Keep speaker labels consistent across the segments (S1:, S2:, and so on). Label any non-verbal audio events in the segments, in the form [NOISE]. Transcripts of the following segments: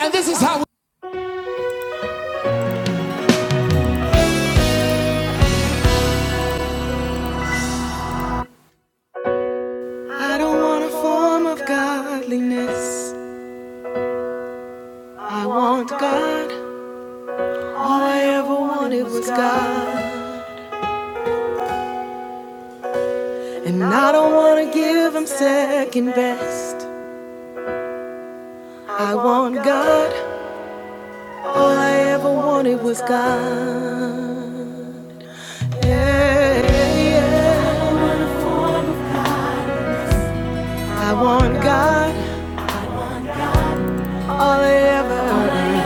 S1: And this is how we I don't want a form of godliness. I want God. All I ever wanted was God. And I don't want to give him second best. I want God. All I ever wanted was God. Yeah, yeah. yeah. I want God. All I ever,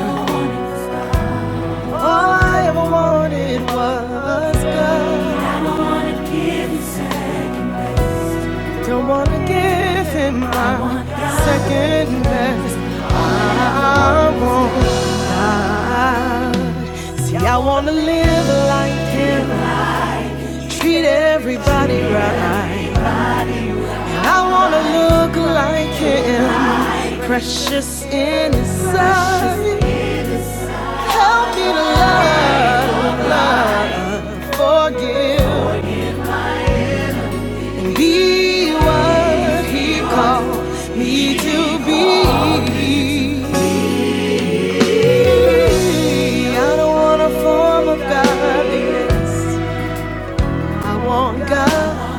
S1: all I ever wanted was God. Don't wanna give him my second best. I won't God. See, I wanna live like him. Treat everybody right. I wanna look like him. Precious in his sight. Help me to love, love, forgive. Be what he called me to be. I don't want a form of godliness. I want God,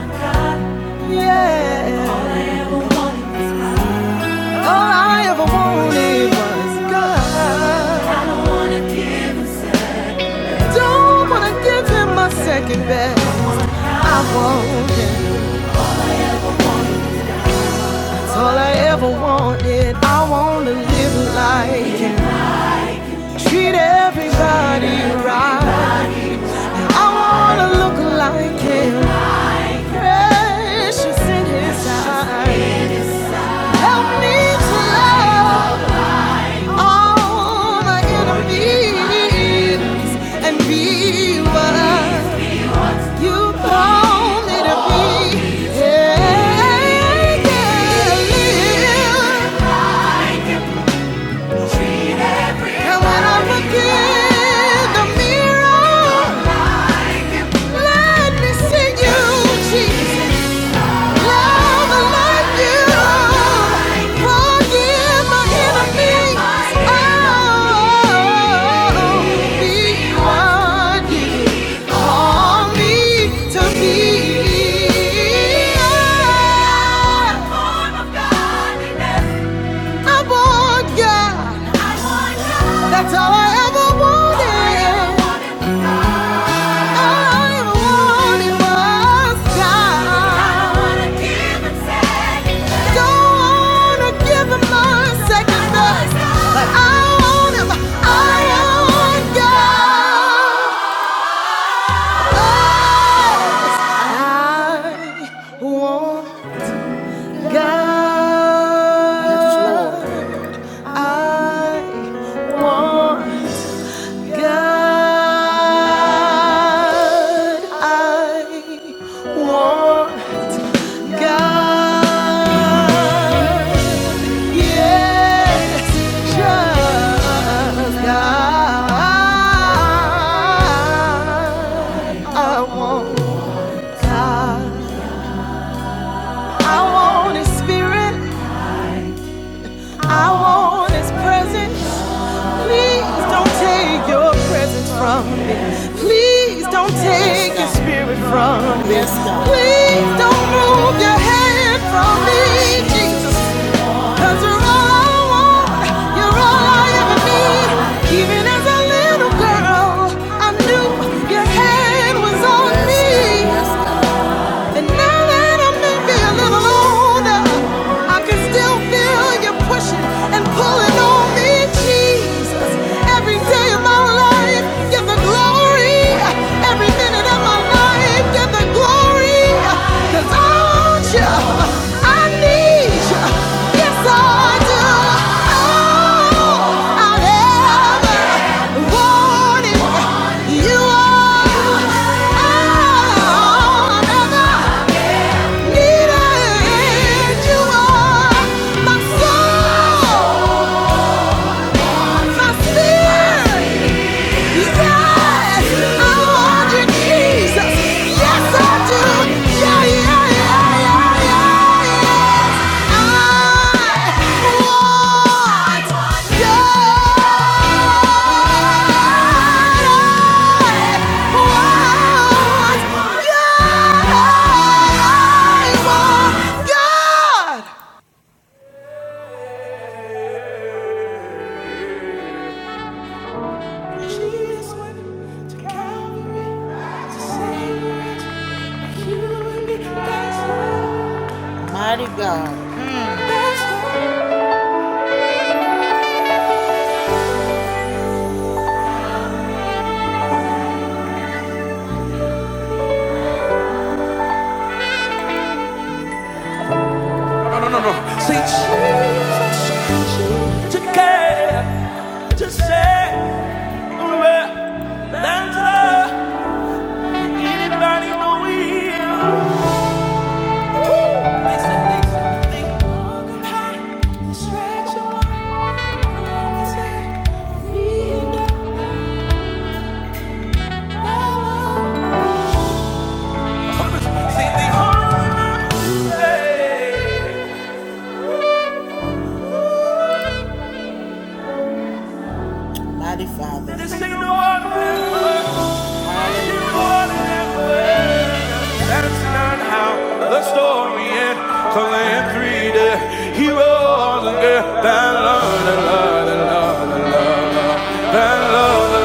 S1: yeah. All I ever wanted was God. I don't want to give him my second best. I want him. It's all I ever wanted. I want to live like him. Treat everybody right. I wanna look like him. Precious in his eyes. Help me to love all my enemies and be what you call me to be. Yeah, yeah, yeah. And when I look in the mirror, let me see you, Jesus. That's all I ever wanted. God. I want God, I want God. Yes, just God. I want God. I want His Spirit. I want His presence. Please don't take your presence from me. Please don't take your spirit from me. Please don't move your hand from me, Jesus. you you're all I want. You're all I ever need. Even as a little girl, I knew your hand was on me. And now that I am maybe a little older, I can still feel you pushing and pulling on me, Jesus. Every day of my life, give the glory. Every minute of my life, give the glory. Cause I want you, I need you, yes I do. Oh, I've ever wanted, you are. All i never, ever needed, you are. My soul, my spirit. Yes, I want you, Jesus. Yes, I do. Yeah, yeah, yeah, yeah, yeah, yeah. I want God. I want God. To Calvary, to save that's Mighty God. Say Jesus, to care, to say, remember, than love anybody know we. Think all could hide, distract your mind, always say, we know. Say the only one, hey, this ain't no ordinary love. That's not how the story ends. So in three days, he rose again. That love, that love, that love, that love, that love, that love, that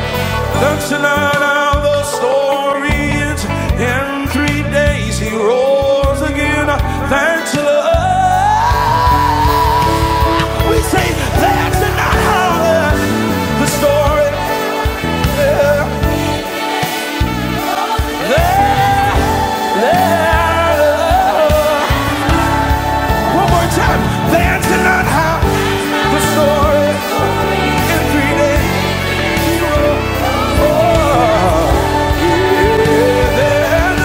S1: love. That's not how the story ends. In three days, he rose again. Thanks to love. We say that's not how the, the story One more time. Dancing on how the story is reading. Oh, yeah.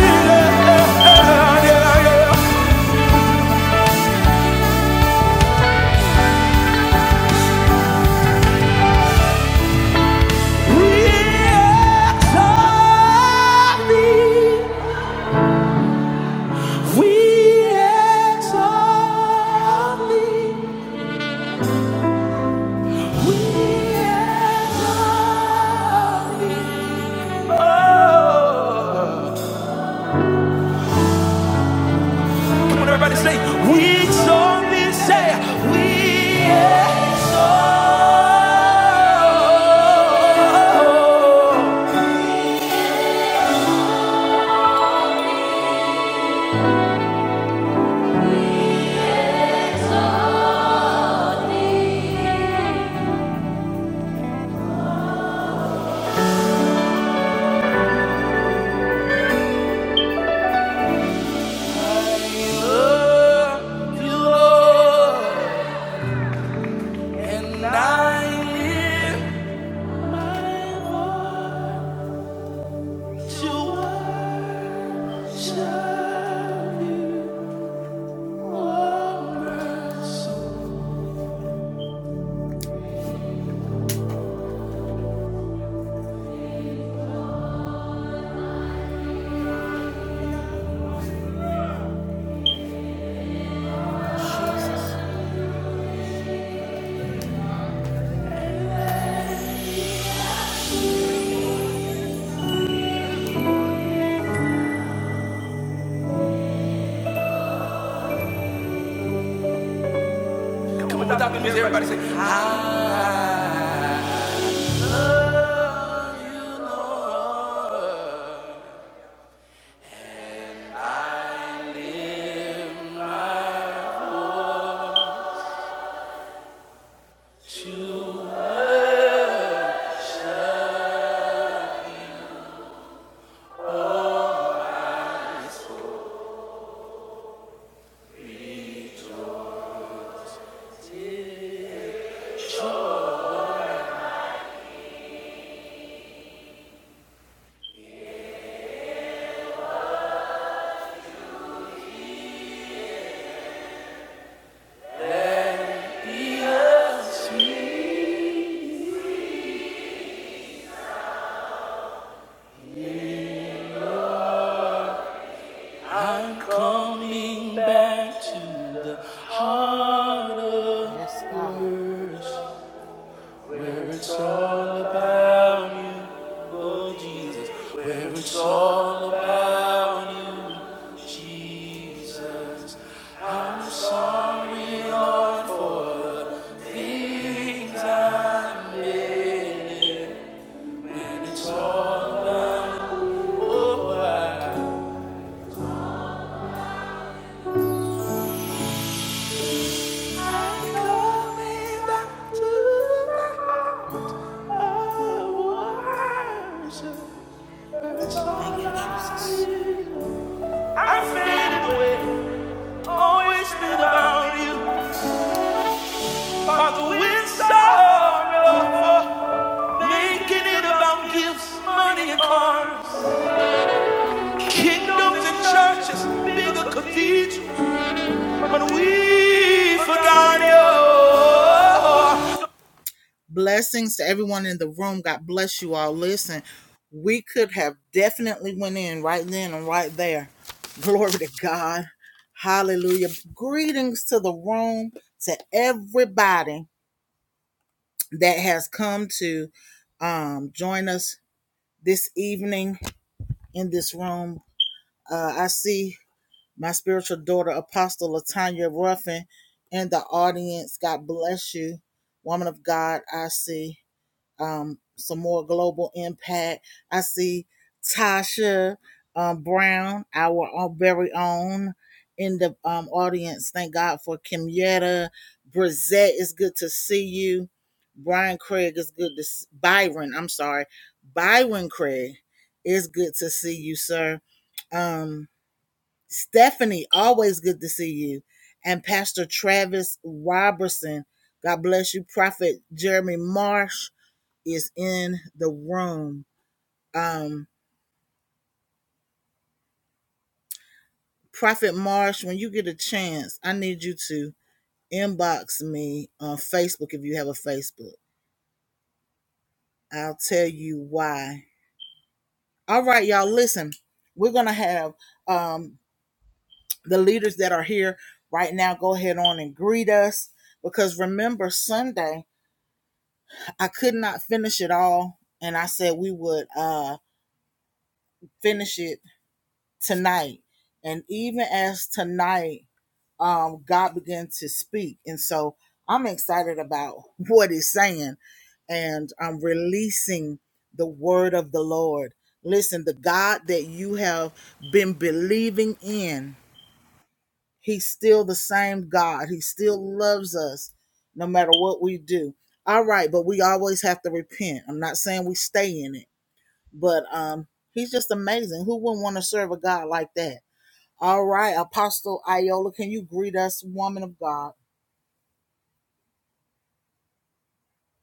S1: Yeah, yeah, yeah. We exalt thee. We exalt thee. We exalt thee. Oh, Come on, everybody say, we exalt thee," say, we exalt you, Lord, you, Lord. And I lift my voice to worship you, O merciful. Come on, without the music, everybody say, I. I'm coming back to the heart of worship, where it's all about you, oh Jesus. Where it's all about you, Jesus. I'm Sorry, things I'm coming back to. the. heart. I faded away, always been about you. Father, with sorrow, making it about gifts, money, and cars. Kingdoms and churches, bigger cathedrals, but we forgot you.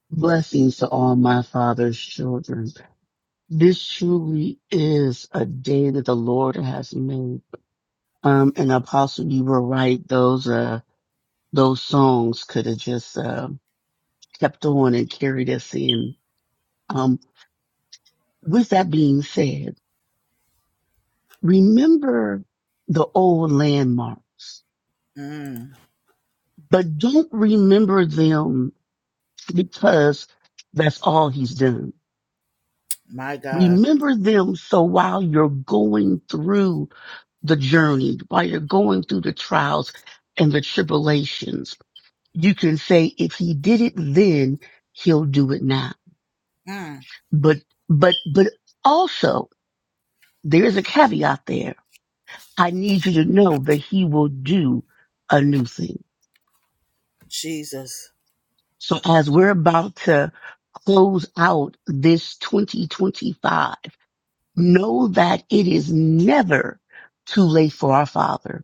S2: Blessings to all my father's children. This truly is a day that the Lord has made. Um, and Apostle, you were right. Those, uh, those songs could have just, uh, kept on and carried us in. Um, with that being said, remember the old landmarks, but don't remember them because that's all he's done. Remember them so while you're going through the journey, while you're going through the trials and the tribulations, you can say, if he did it then, he'll do it now. But, but, but also there is a caveat there. I need you to know that he will do a new thing. So as we're about to close out this 2025, know that it is never too late for our father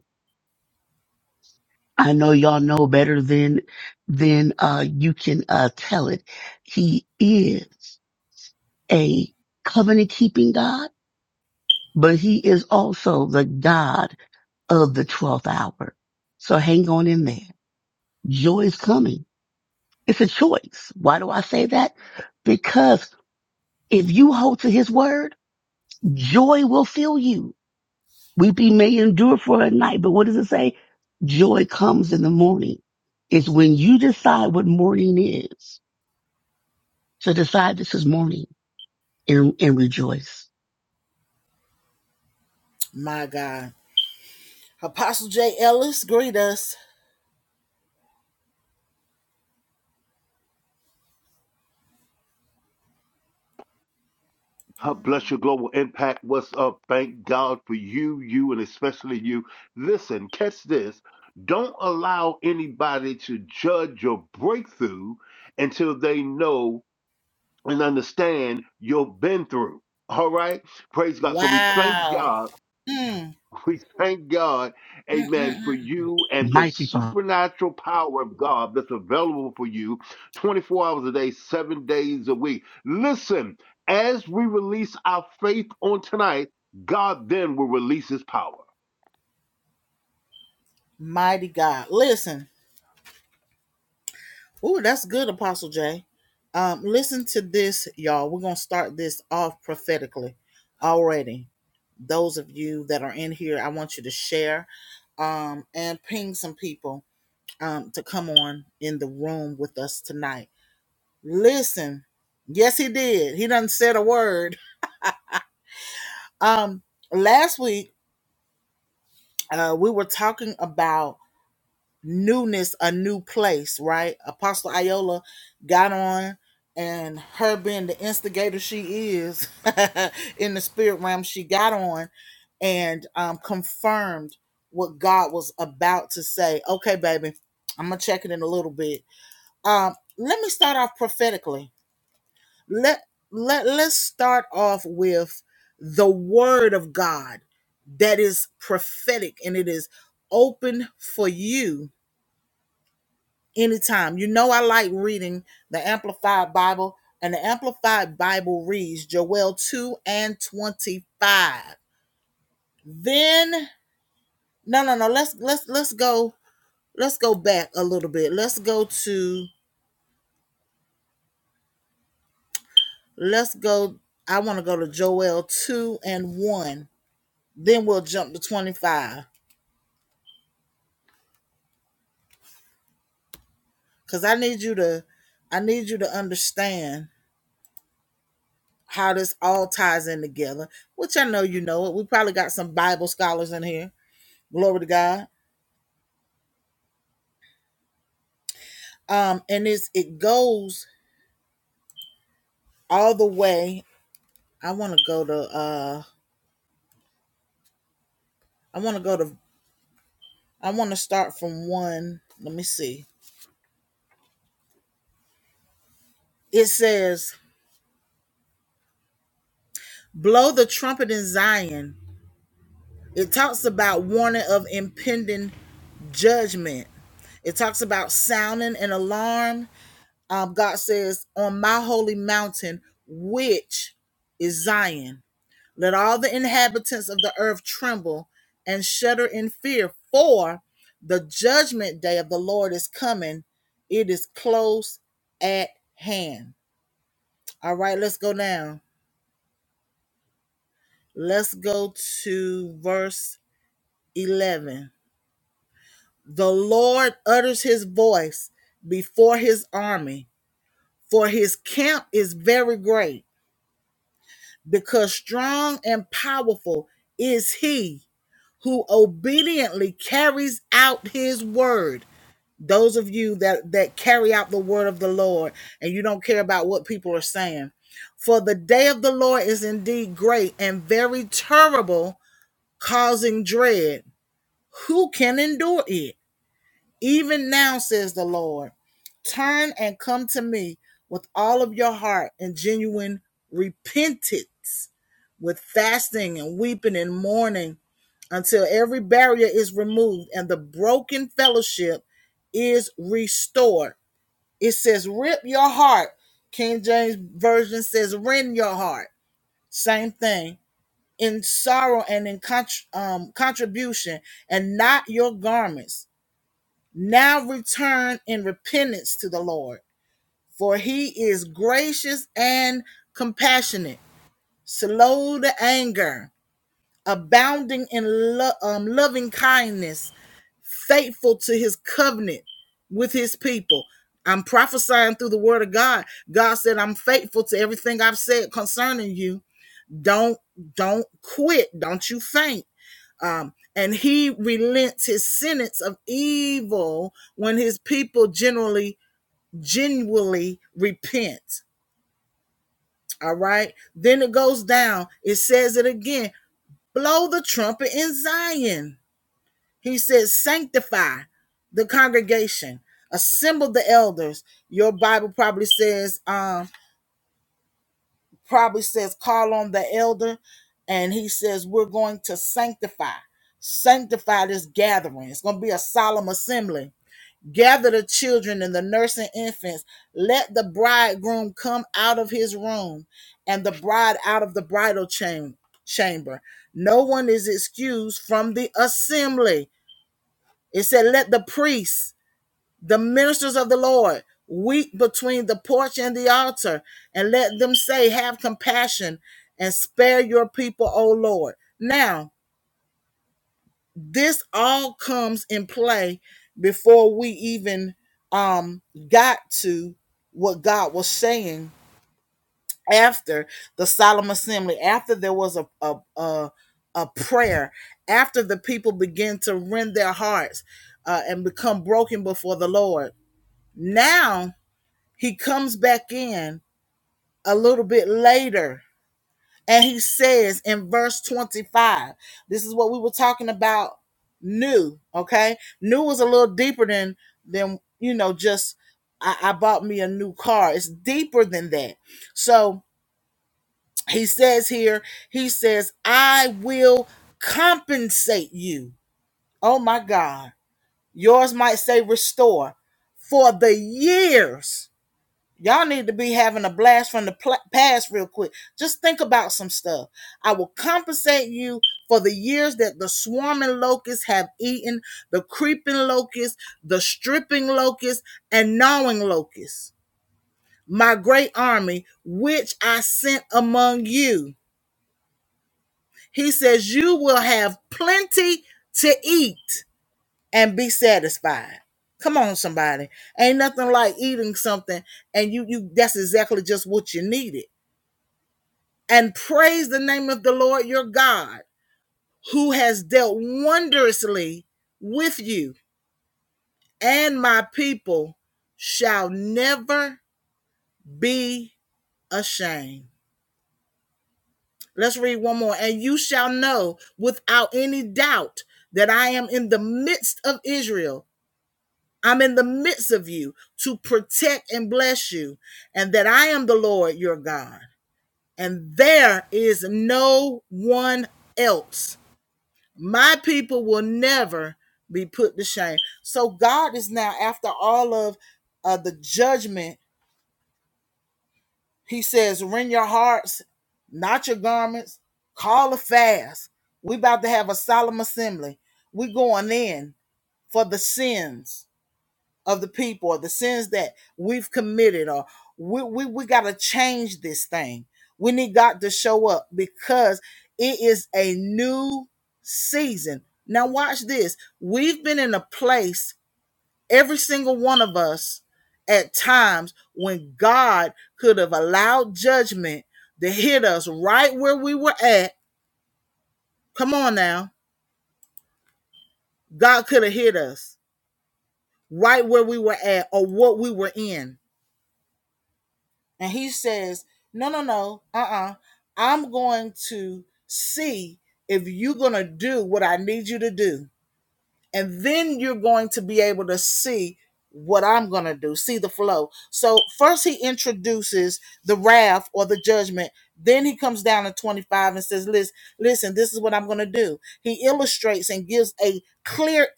S2: I know y'all know better than than uh you can uh tell it. He is a covenant keeping God, but he is also the God of the twelfth hour. So hang on in there. Joy is coming. It's a choice. Why do I say that? Because if you hold to his word, joy will fill you. Weeping may endure for a night, but what does it say? Joy comes in the morning. It's when you decide what morning is So decide this is morning and, and rejoice.
S3: God bless your global impact. What's up? Thank God for you, you, and especially you. Listen, catch this. Don't allow anybody to judge your breakthrough until they know and understand you've been through. All right. Praise God. So we thank God. [LAUGHS] We thank God, amen, for you and the
S2: Mighty Father.
S3: supernatural power of God that's available for you 24 hours a day, seven days a week. Listen, as we release our faith on tonight, God then will release his power.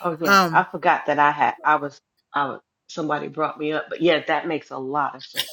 S4: Oh yeah, I forgot that I had I was I was somebody brought me up, but yeah, that makes a lot of sense.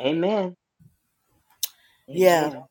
S4: Amen. Amen.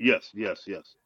S3: Yes, yes, yes.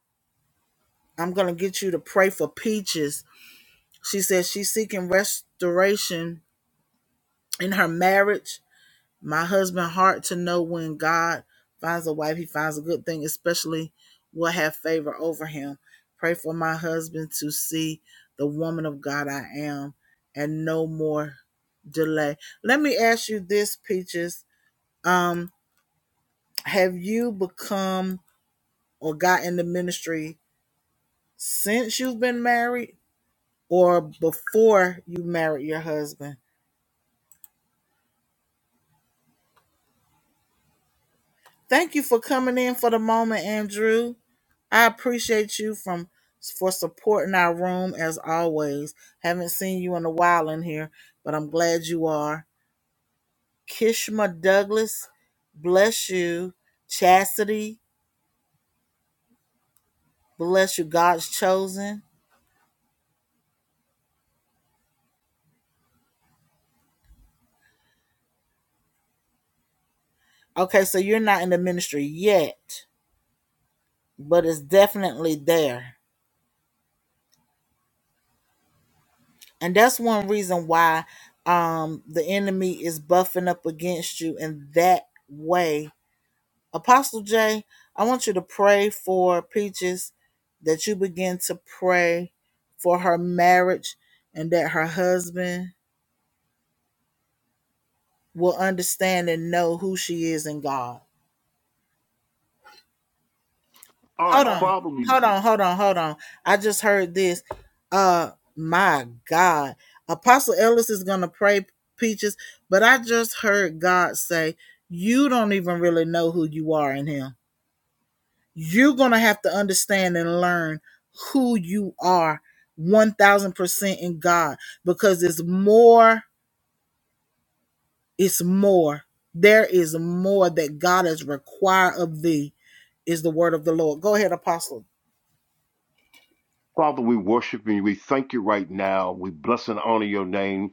S3: All right, Father, we Father, we worship you. We thank you right now. We bless and honor your name.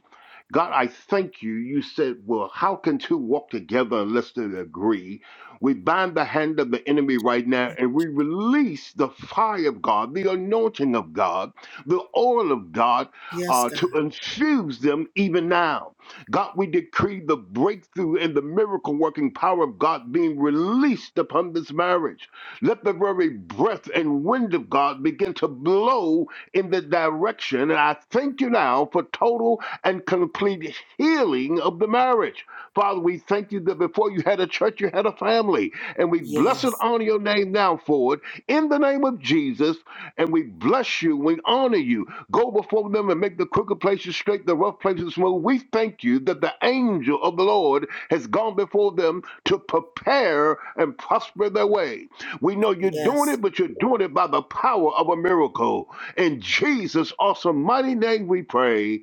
S3: God, I thank you. You said, Well, how can two walk together unless they agree? We bind the hand of the enemy right now and we release the fire of God, the anointing of God, the oil of God uh, to infuse them even now. God, we decree the breakthrough and the miracle working power of God being released upon this marriage. Let the very breath and wind of God begin to blow in the direction. And I thank you now for total and complete healing of the marriage. Father, we thank you that before you had a church, you had a family. And we bless and honor your name now for it in the name of Jesus. And we bless you. We honor you. Go before them and make the crooked places straight, the rough places smooth. We thank you that the angel of the Lord has gone before them to prepare and prosper their way. We know you're doing it, but you're doing it by the power of a miracle. In Jesus' awesome mighty name we pray.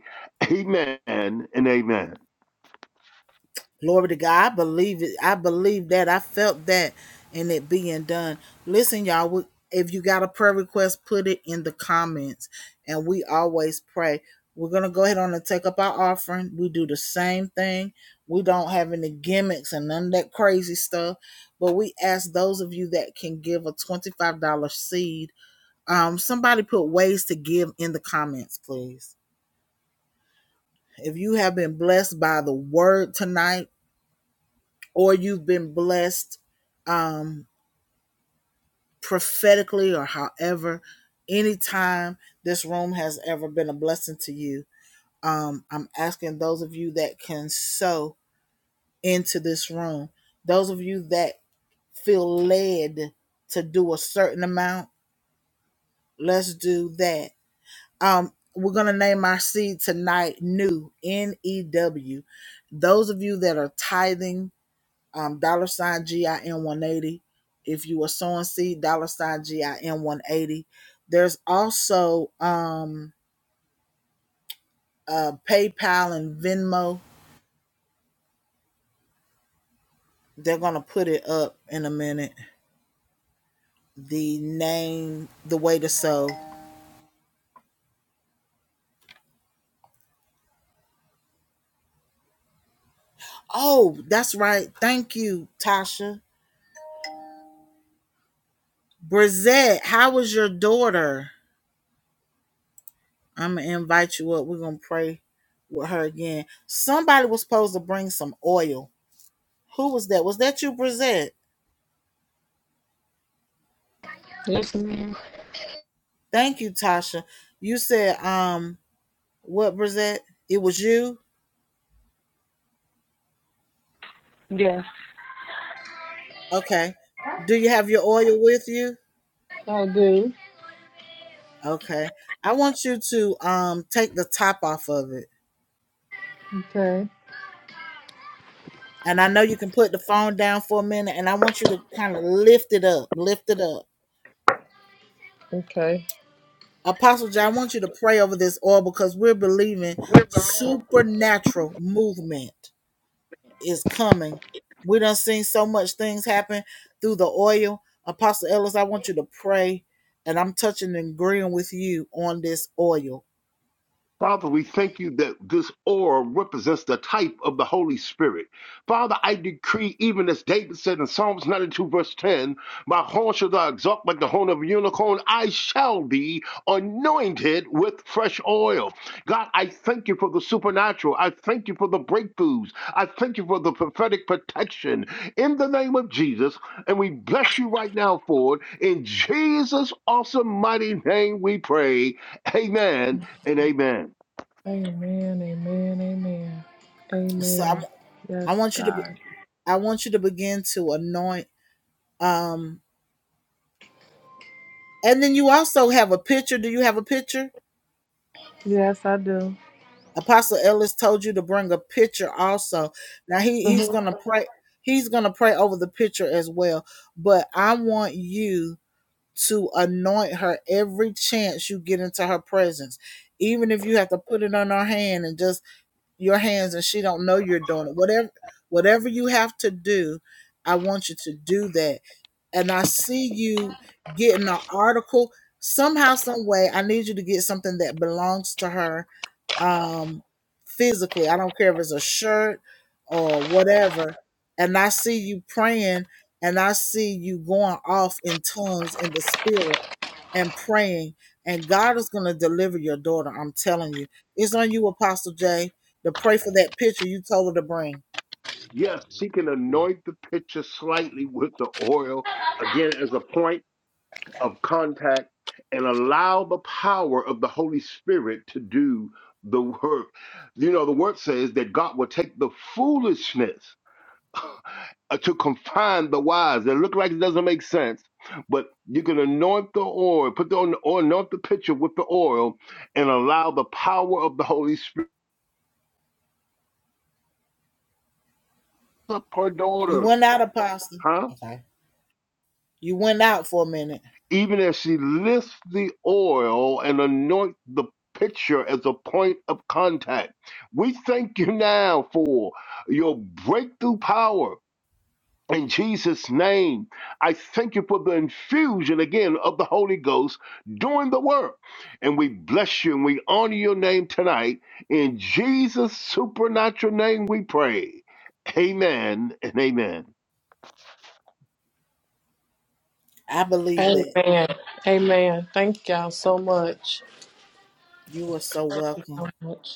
S3: Amen and amen.
S5: Yes, ma'am. Yeah, I do. Okay. Okay.
S3: Father, we thank you that this oil represents the type of the Holy Spirit. Father, I decree, even as David said in Psalms 92, verse 10, my horn shall thou exalt like the horn of a unicorn. I shall be anointed with fresh oil. God, I thank you for the supernatural. I thank you for the breakthroughs. I thank you for the prophetic protection in the name of Jesus. And we bless you right now for it. In Jesus' awesome, mighty name we pray. Amen and amen.
S5: Amen. Amen. Amen. Amen. Yes, God. Yes, I do. Mhm.
S3: Yes, she can anoint the pitcher slightly with the oil, again, as a point of contact, and allow the power of the Holy Spirit to do the work. You know, the word says that God will take the foolishness uh, to confine the wise. It look like it doesn't make sense, but you can anoint the oil, put the oil, anoint the pitcher with the oil, and allow the power of the Holy Spirit up her daughter. Huh? even as she lifts the oil and anoints the picture as a point of contact. We thank you now for your breakthrough power. In Jesus' name, I thank you for the infusion again of the Holy Ghost doing the work. And we bless you and we honor your name tonight. In Jesus' supernatural name, we pray. Amen and amen.
S5: Amen. Amen. Thank y'all so much. So much.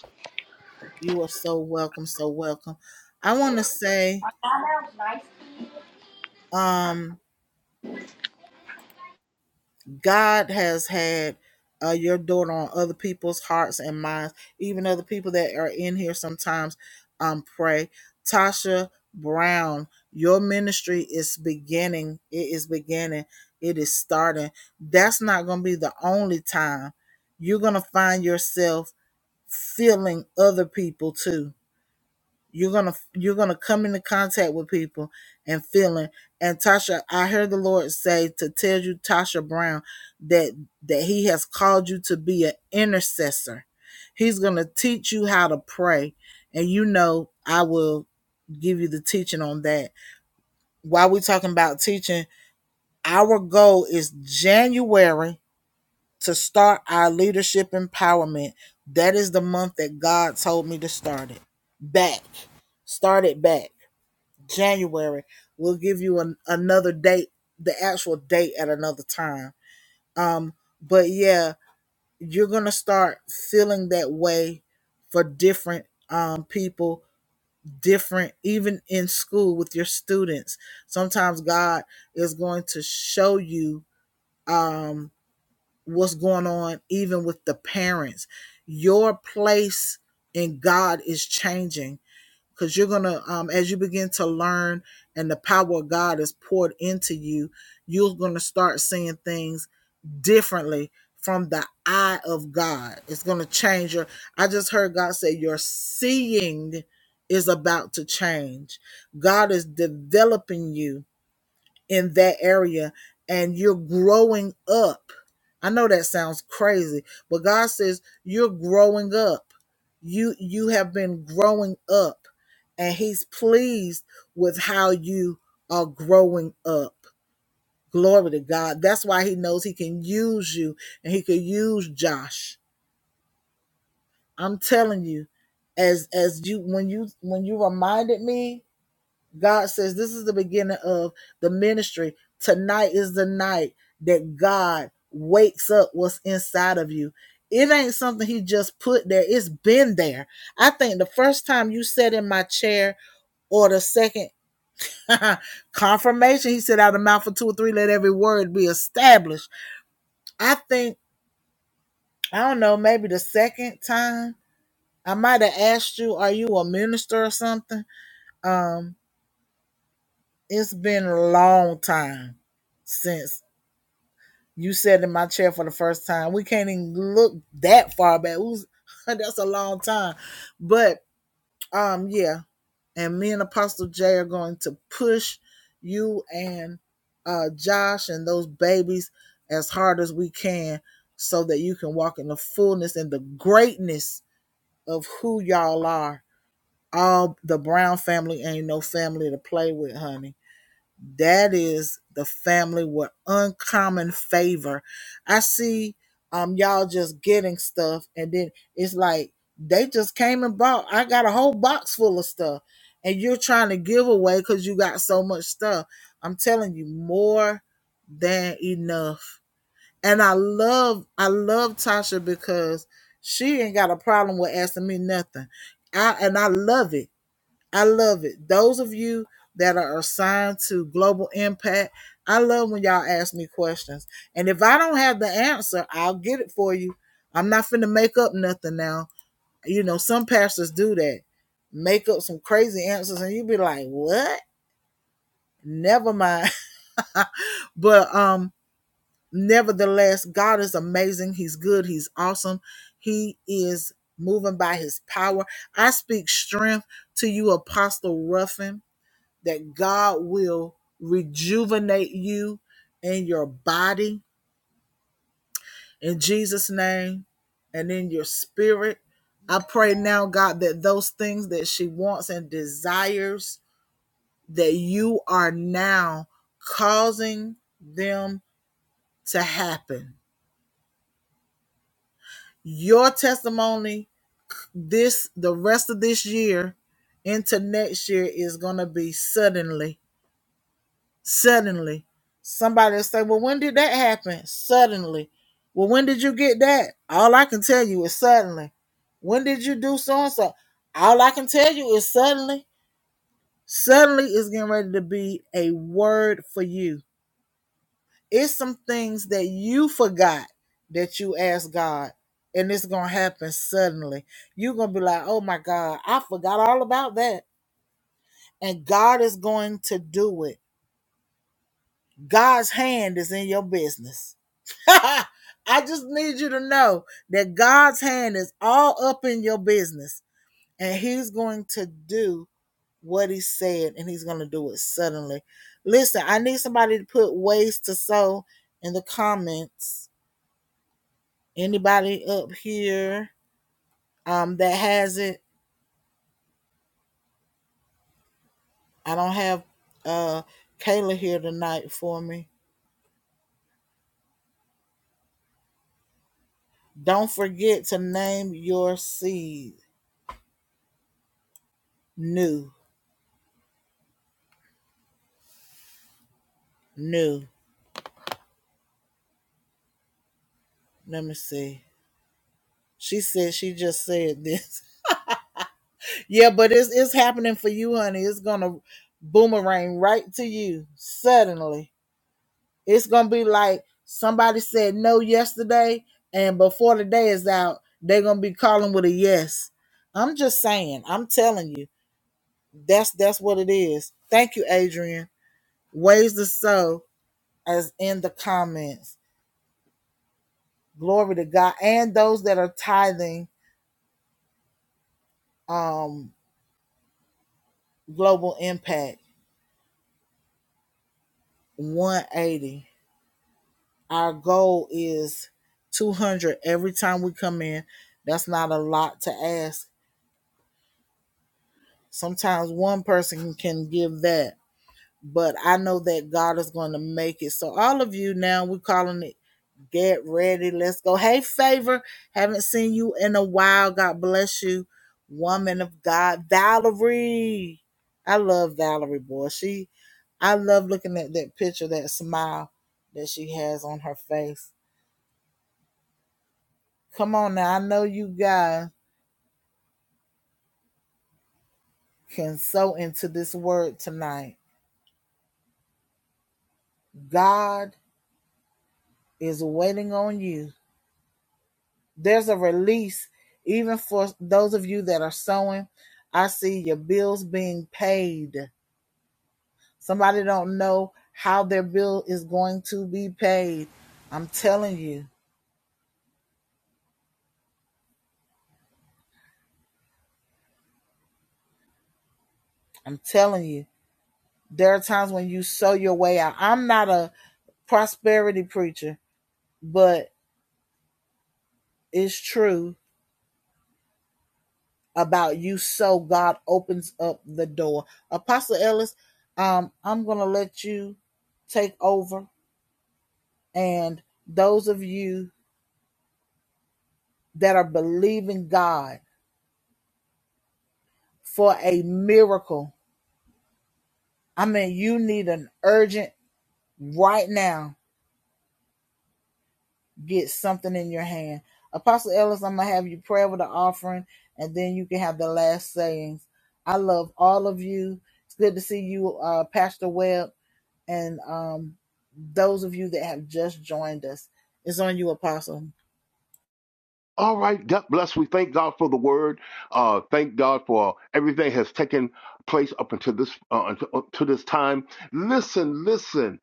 S3: All right, God bless. We thank God for the word. Uh, thank God for everything has taken place up until this uh, until, up to this time. Listen, listen.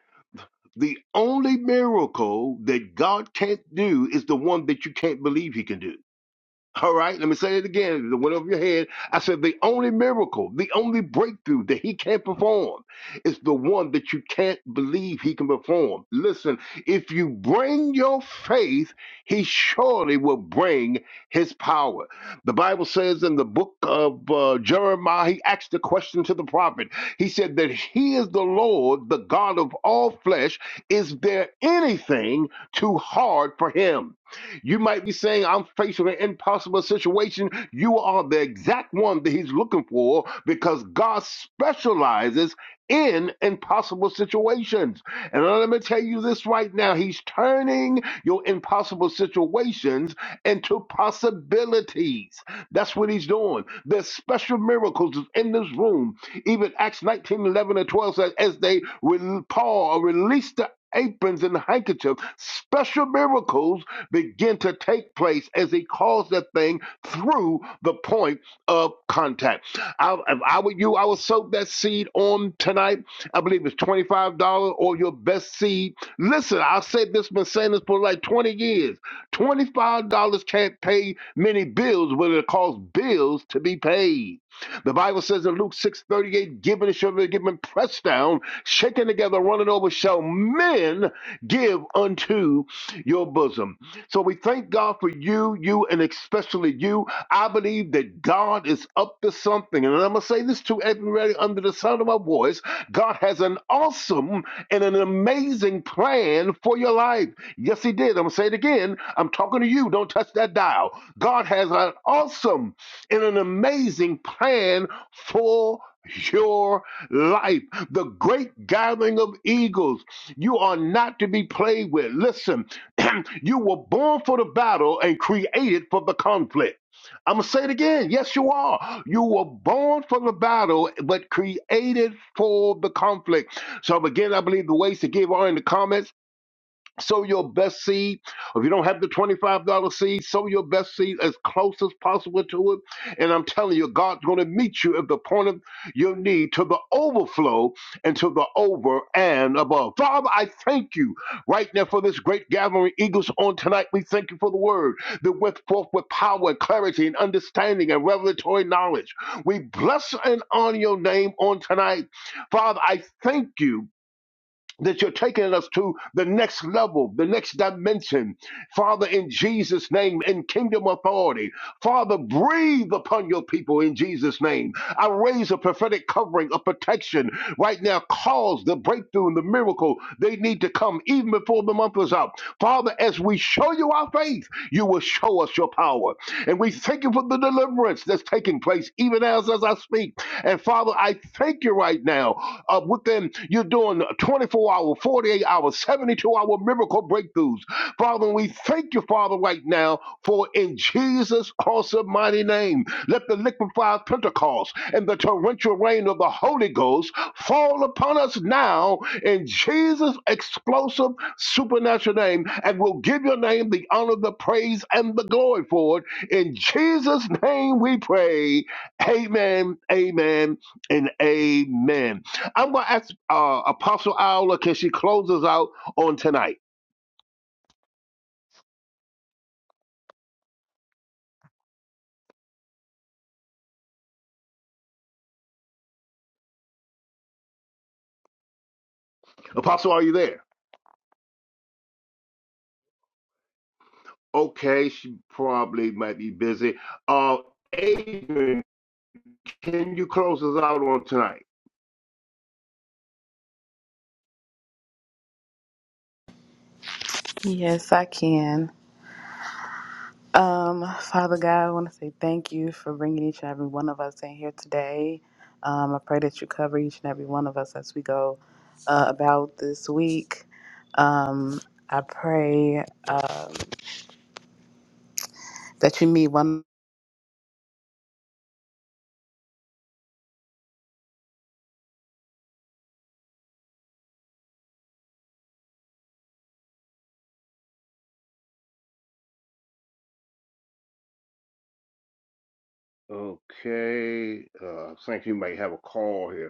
S3: The only miracle that God can't do is the one that you can't believe He can do. All right, let me say it again. It went over your head. I said the only miracle, the only breakthrough that he can perform is the one that you can't believe he can perform. Listen, if you bring your faith, he surely will bring his power. The Bible says in the book of uh, Jeremiah, he asked the question to the prophet. He said that he is the Lord, the God of all flesh. Is there anything too hard for him? You might be saying, I'm faced with an impossible situation. You are the exact one that he's looking for because God specializes in impossible situations. And let me tell you this right now He's turning your impossible situations into possibilities. That's what he's doing. There's special miracles in this room. Even Acts 19 11 and 12 says, as they, Paul released the aprons and the handkerchief, special miracles begin to take place as he calls that thing through the point of contact. I, if I were you, I would soak that seed on tonight. I believe it's $25 or your best seed. Listen, I said this, been saying this for like 20 years. $25 can't pay many bills, but it costs bills to be paid. The Bible says in Luke 6:38, given shall be given, pressed down, shaken together, running over, shall men give unto your bosom. So we thank God for you, you, and especially you. I believe that God is up to something. And I'm gonna say this to everybody under the sound of my voice. God has an awesome and an amazing plan for your life. Yes, he did. I'm going to say it again. I'm talking to you. Don't touch that dial. God has an awesome and an amazing plan for your life. The great gathering of eagles. You are not to be played with. Listen, [CLEARS THROAT] you were born for the battle and created for the conflict. I'm going to say it again. Yes, you are. You were born for the battle, but created for the conflict. So, again, I believe the ways to give are in the comments sow your best seed. If you don't have the $25 seed, sow your best seed as close as possible to it. And I'm telling you, God's going to meet you at the point of your need to the overflow and to the over and above. Father, I thank you right now for this great gathering, Eagles, on tonight. We thank you for the word that went forth with power and clarity and understanding and revelatory knowledge. We bless and honor your name on tonight. Father, I thank you that you're taking us to the next level, the next dimension. Father, in Jesus' name, in kingdom authority. Father, breathe upon your people in Jesus' name. I raise a prophetic covering of protection right now. Cause the breakthrough and the miracle they need to come even before the month is out. Father, as we show you our faith, you will show us your power. And we thank you for the deliverance that's taking place even as, as I speak. And Father, I thank you right now. Uh, within you're doing 24 hour, 48 hour, 72 hour miracle breakthroughs. Father, and we thank you, Father, right now for in Jesus' awesome mighty name. Let the liquefied Pentecost and the torrential rain of the Holy Ghost fall upon us now in Jesus' explosive supernatural name. And we'll give your name the honor, the praise, and the glory for it in Jesus' name we pray. Amen, amen, and amen. I'm going to ask uh, Apostle Aula, can she close us out on tonight? Apostle, are you there? Okay, she probably might be busy. Uh, Adrian, can you close us out on tonight?
S6: Yes, I can. Um, Father God, I want to say thank you for bringing each and every one of us in here today. Um, I pray that you cover each and every one of us as we go uh, about this week. Um, I pray um, that you meet one.
S3: Okay, uh, I think you might have a call here.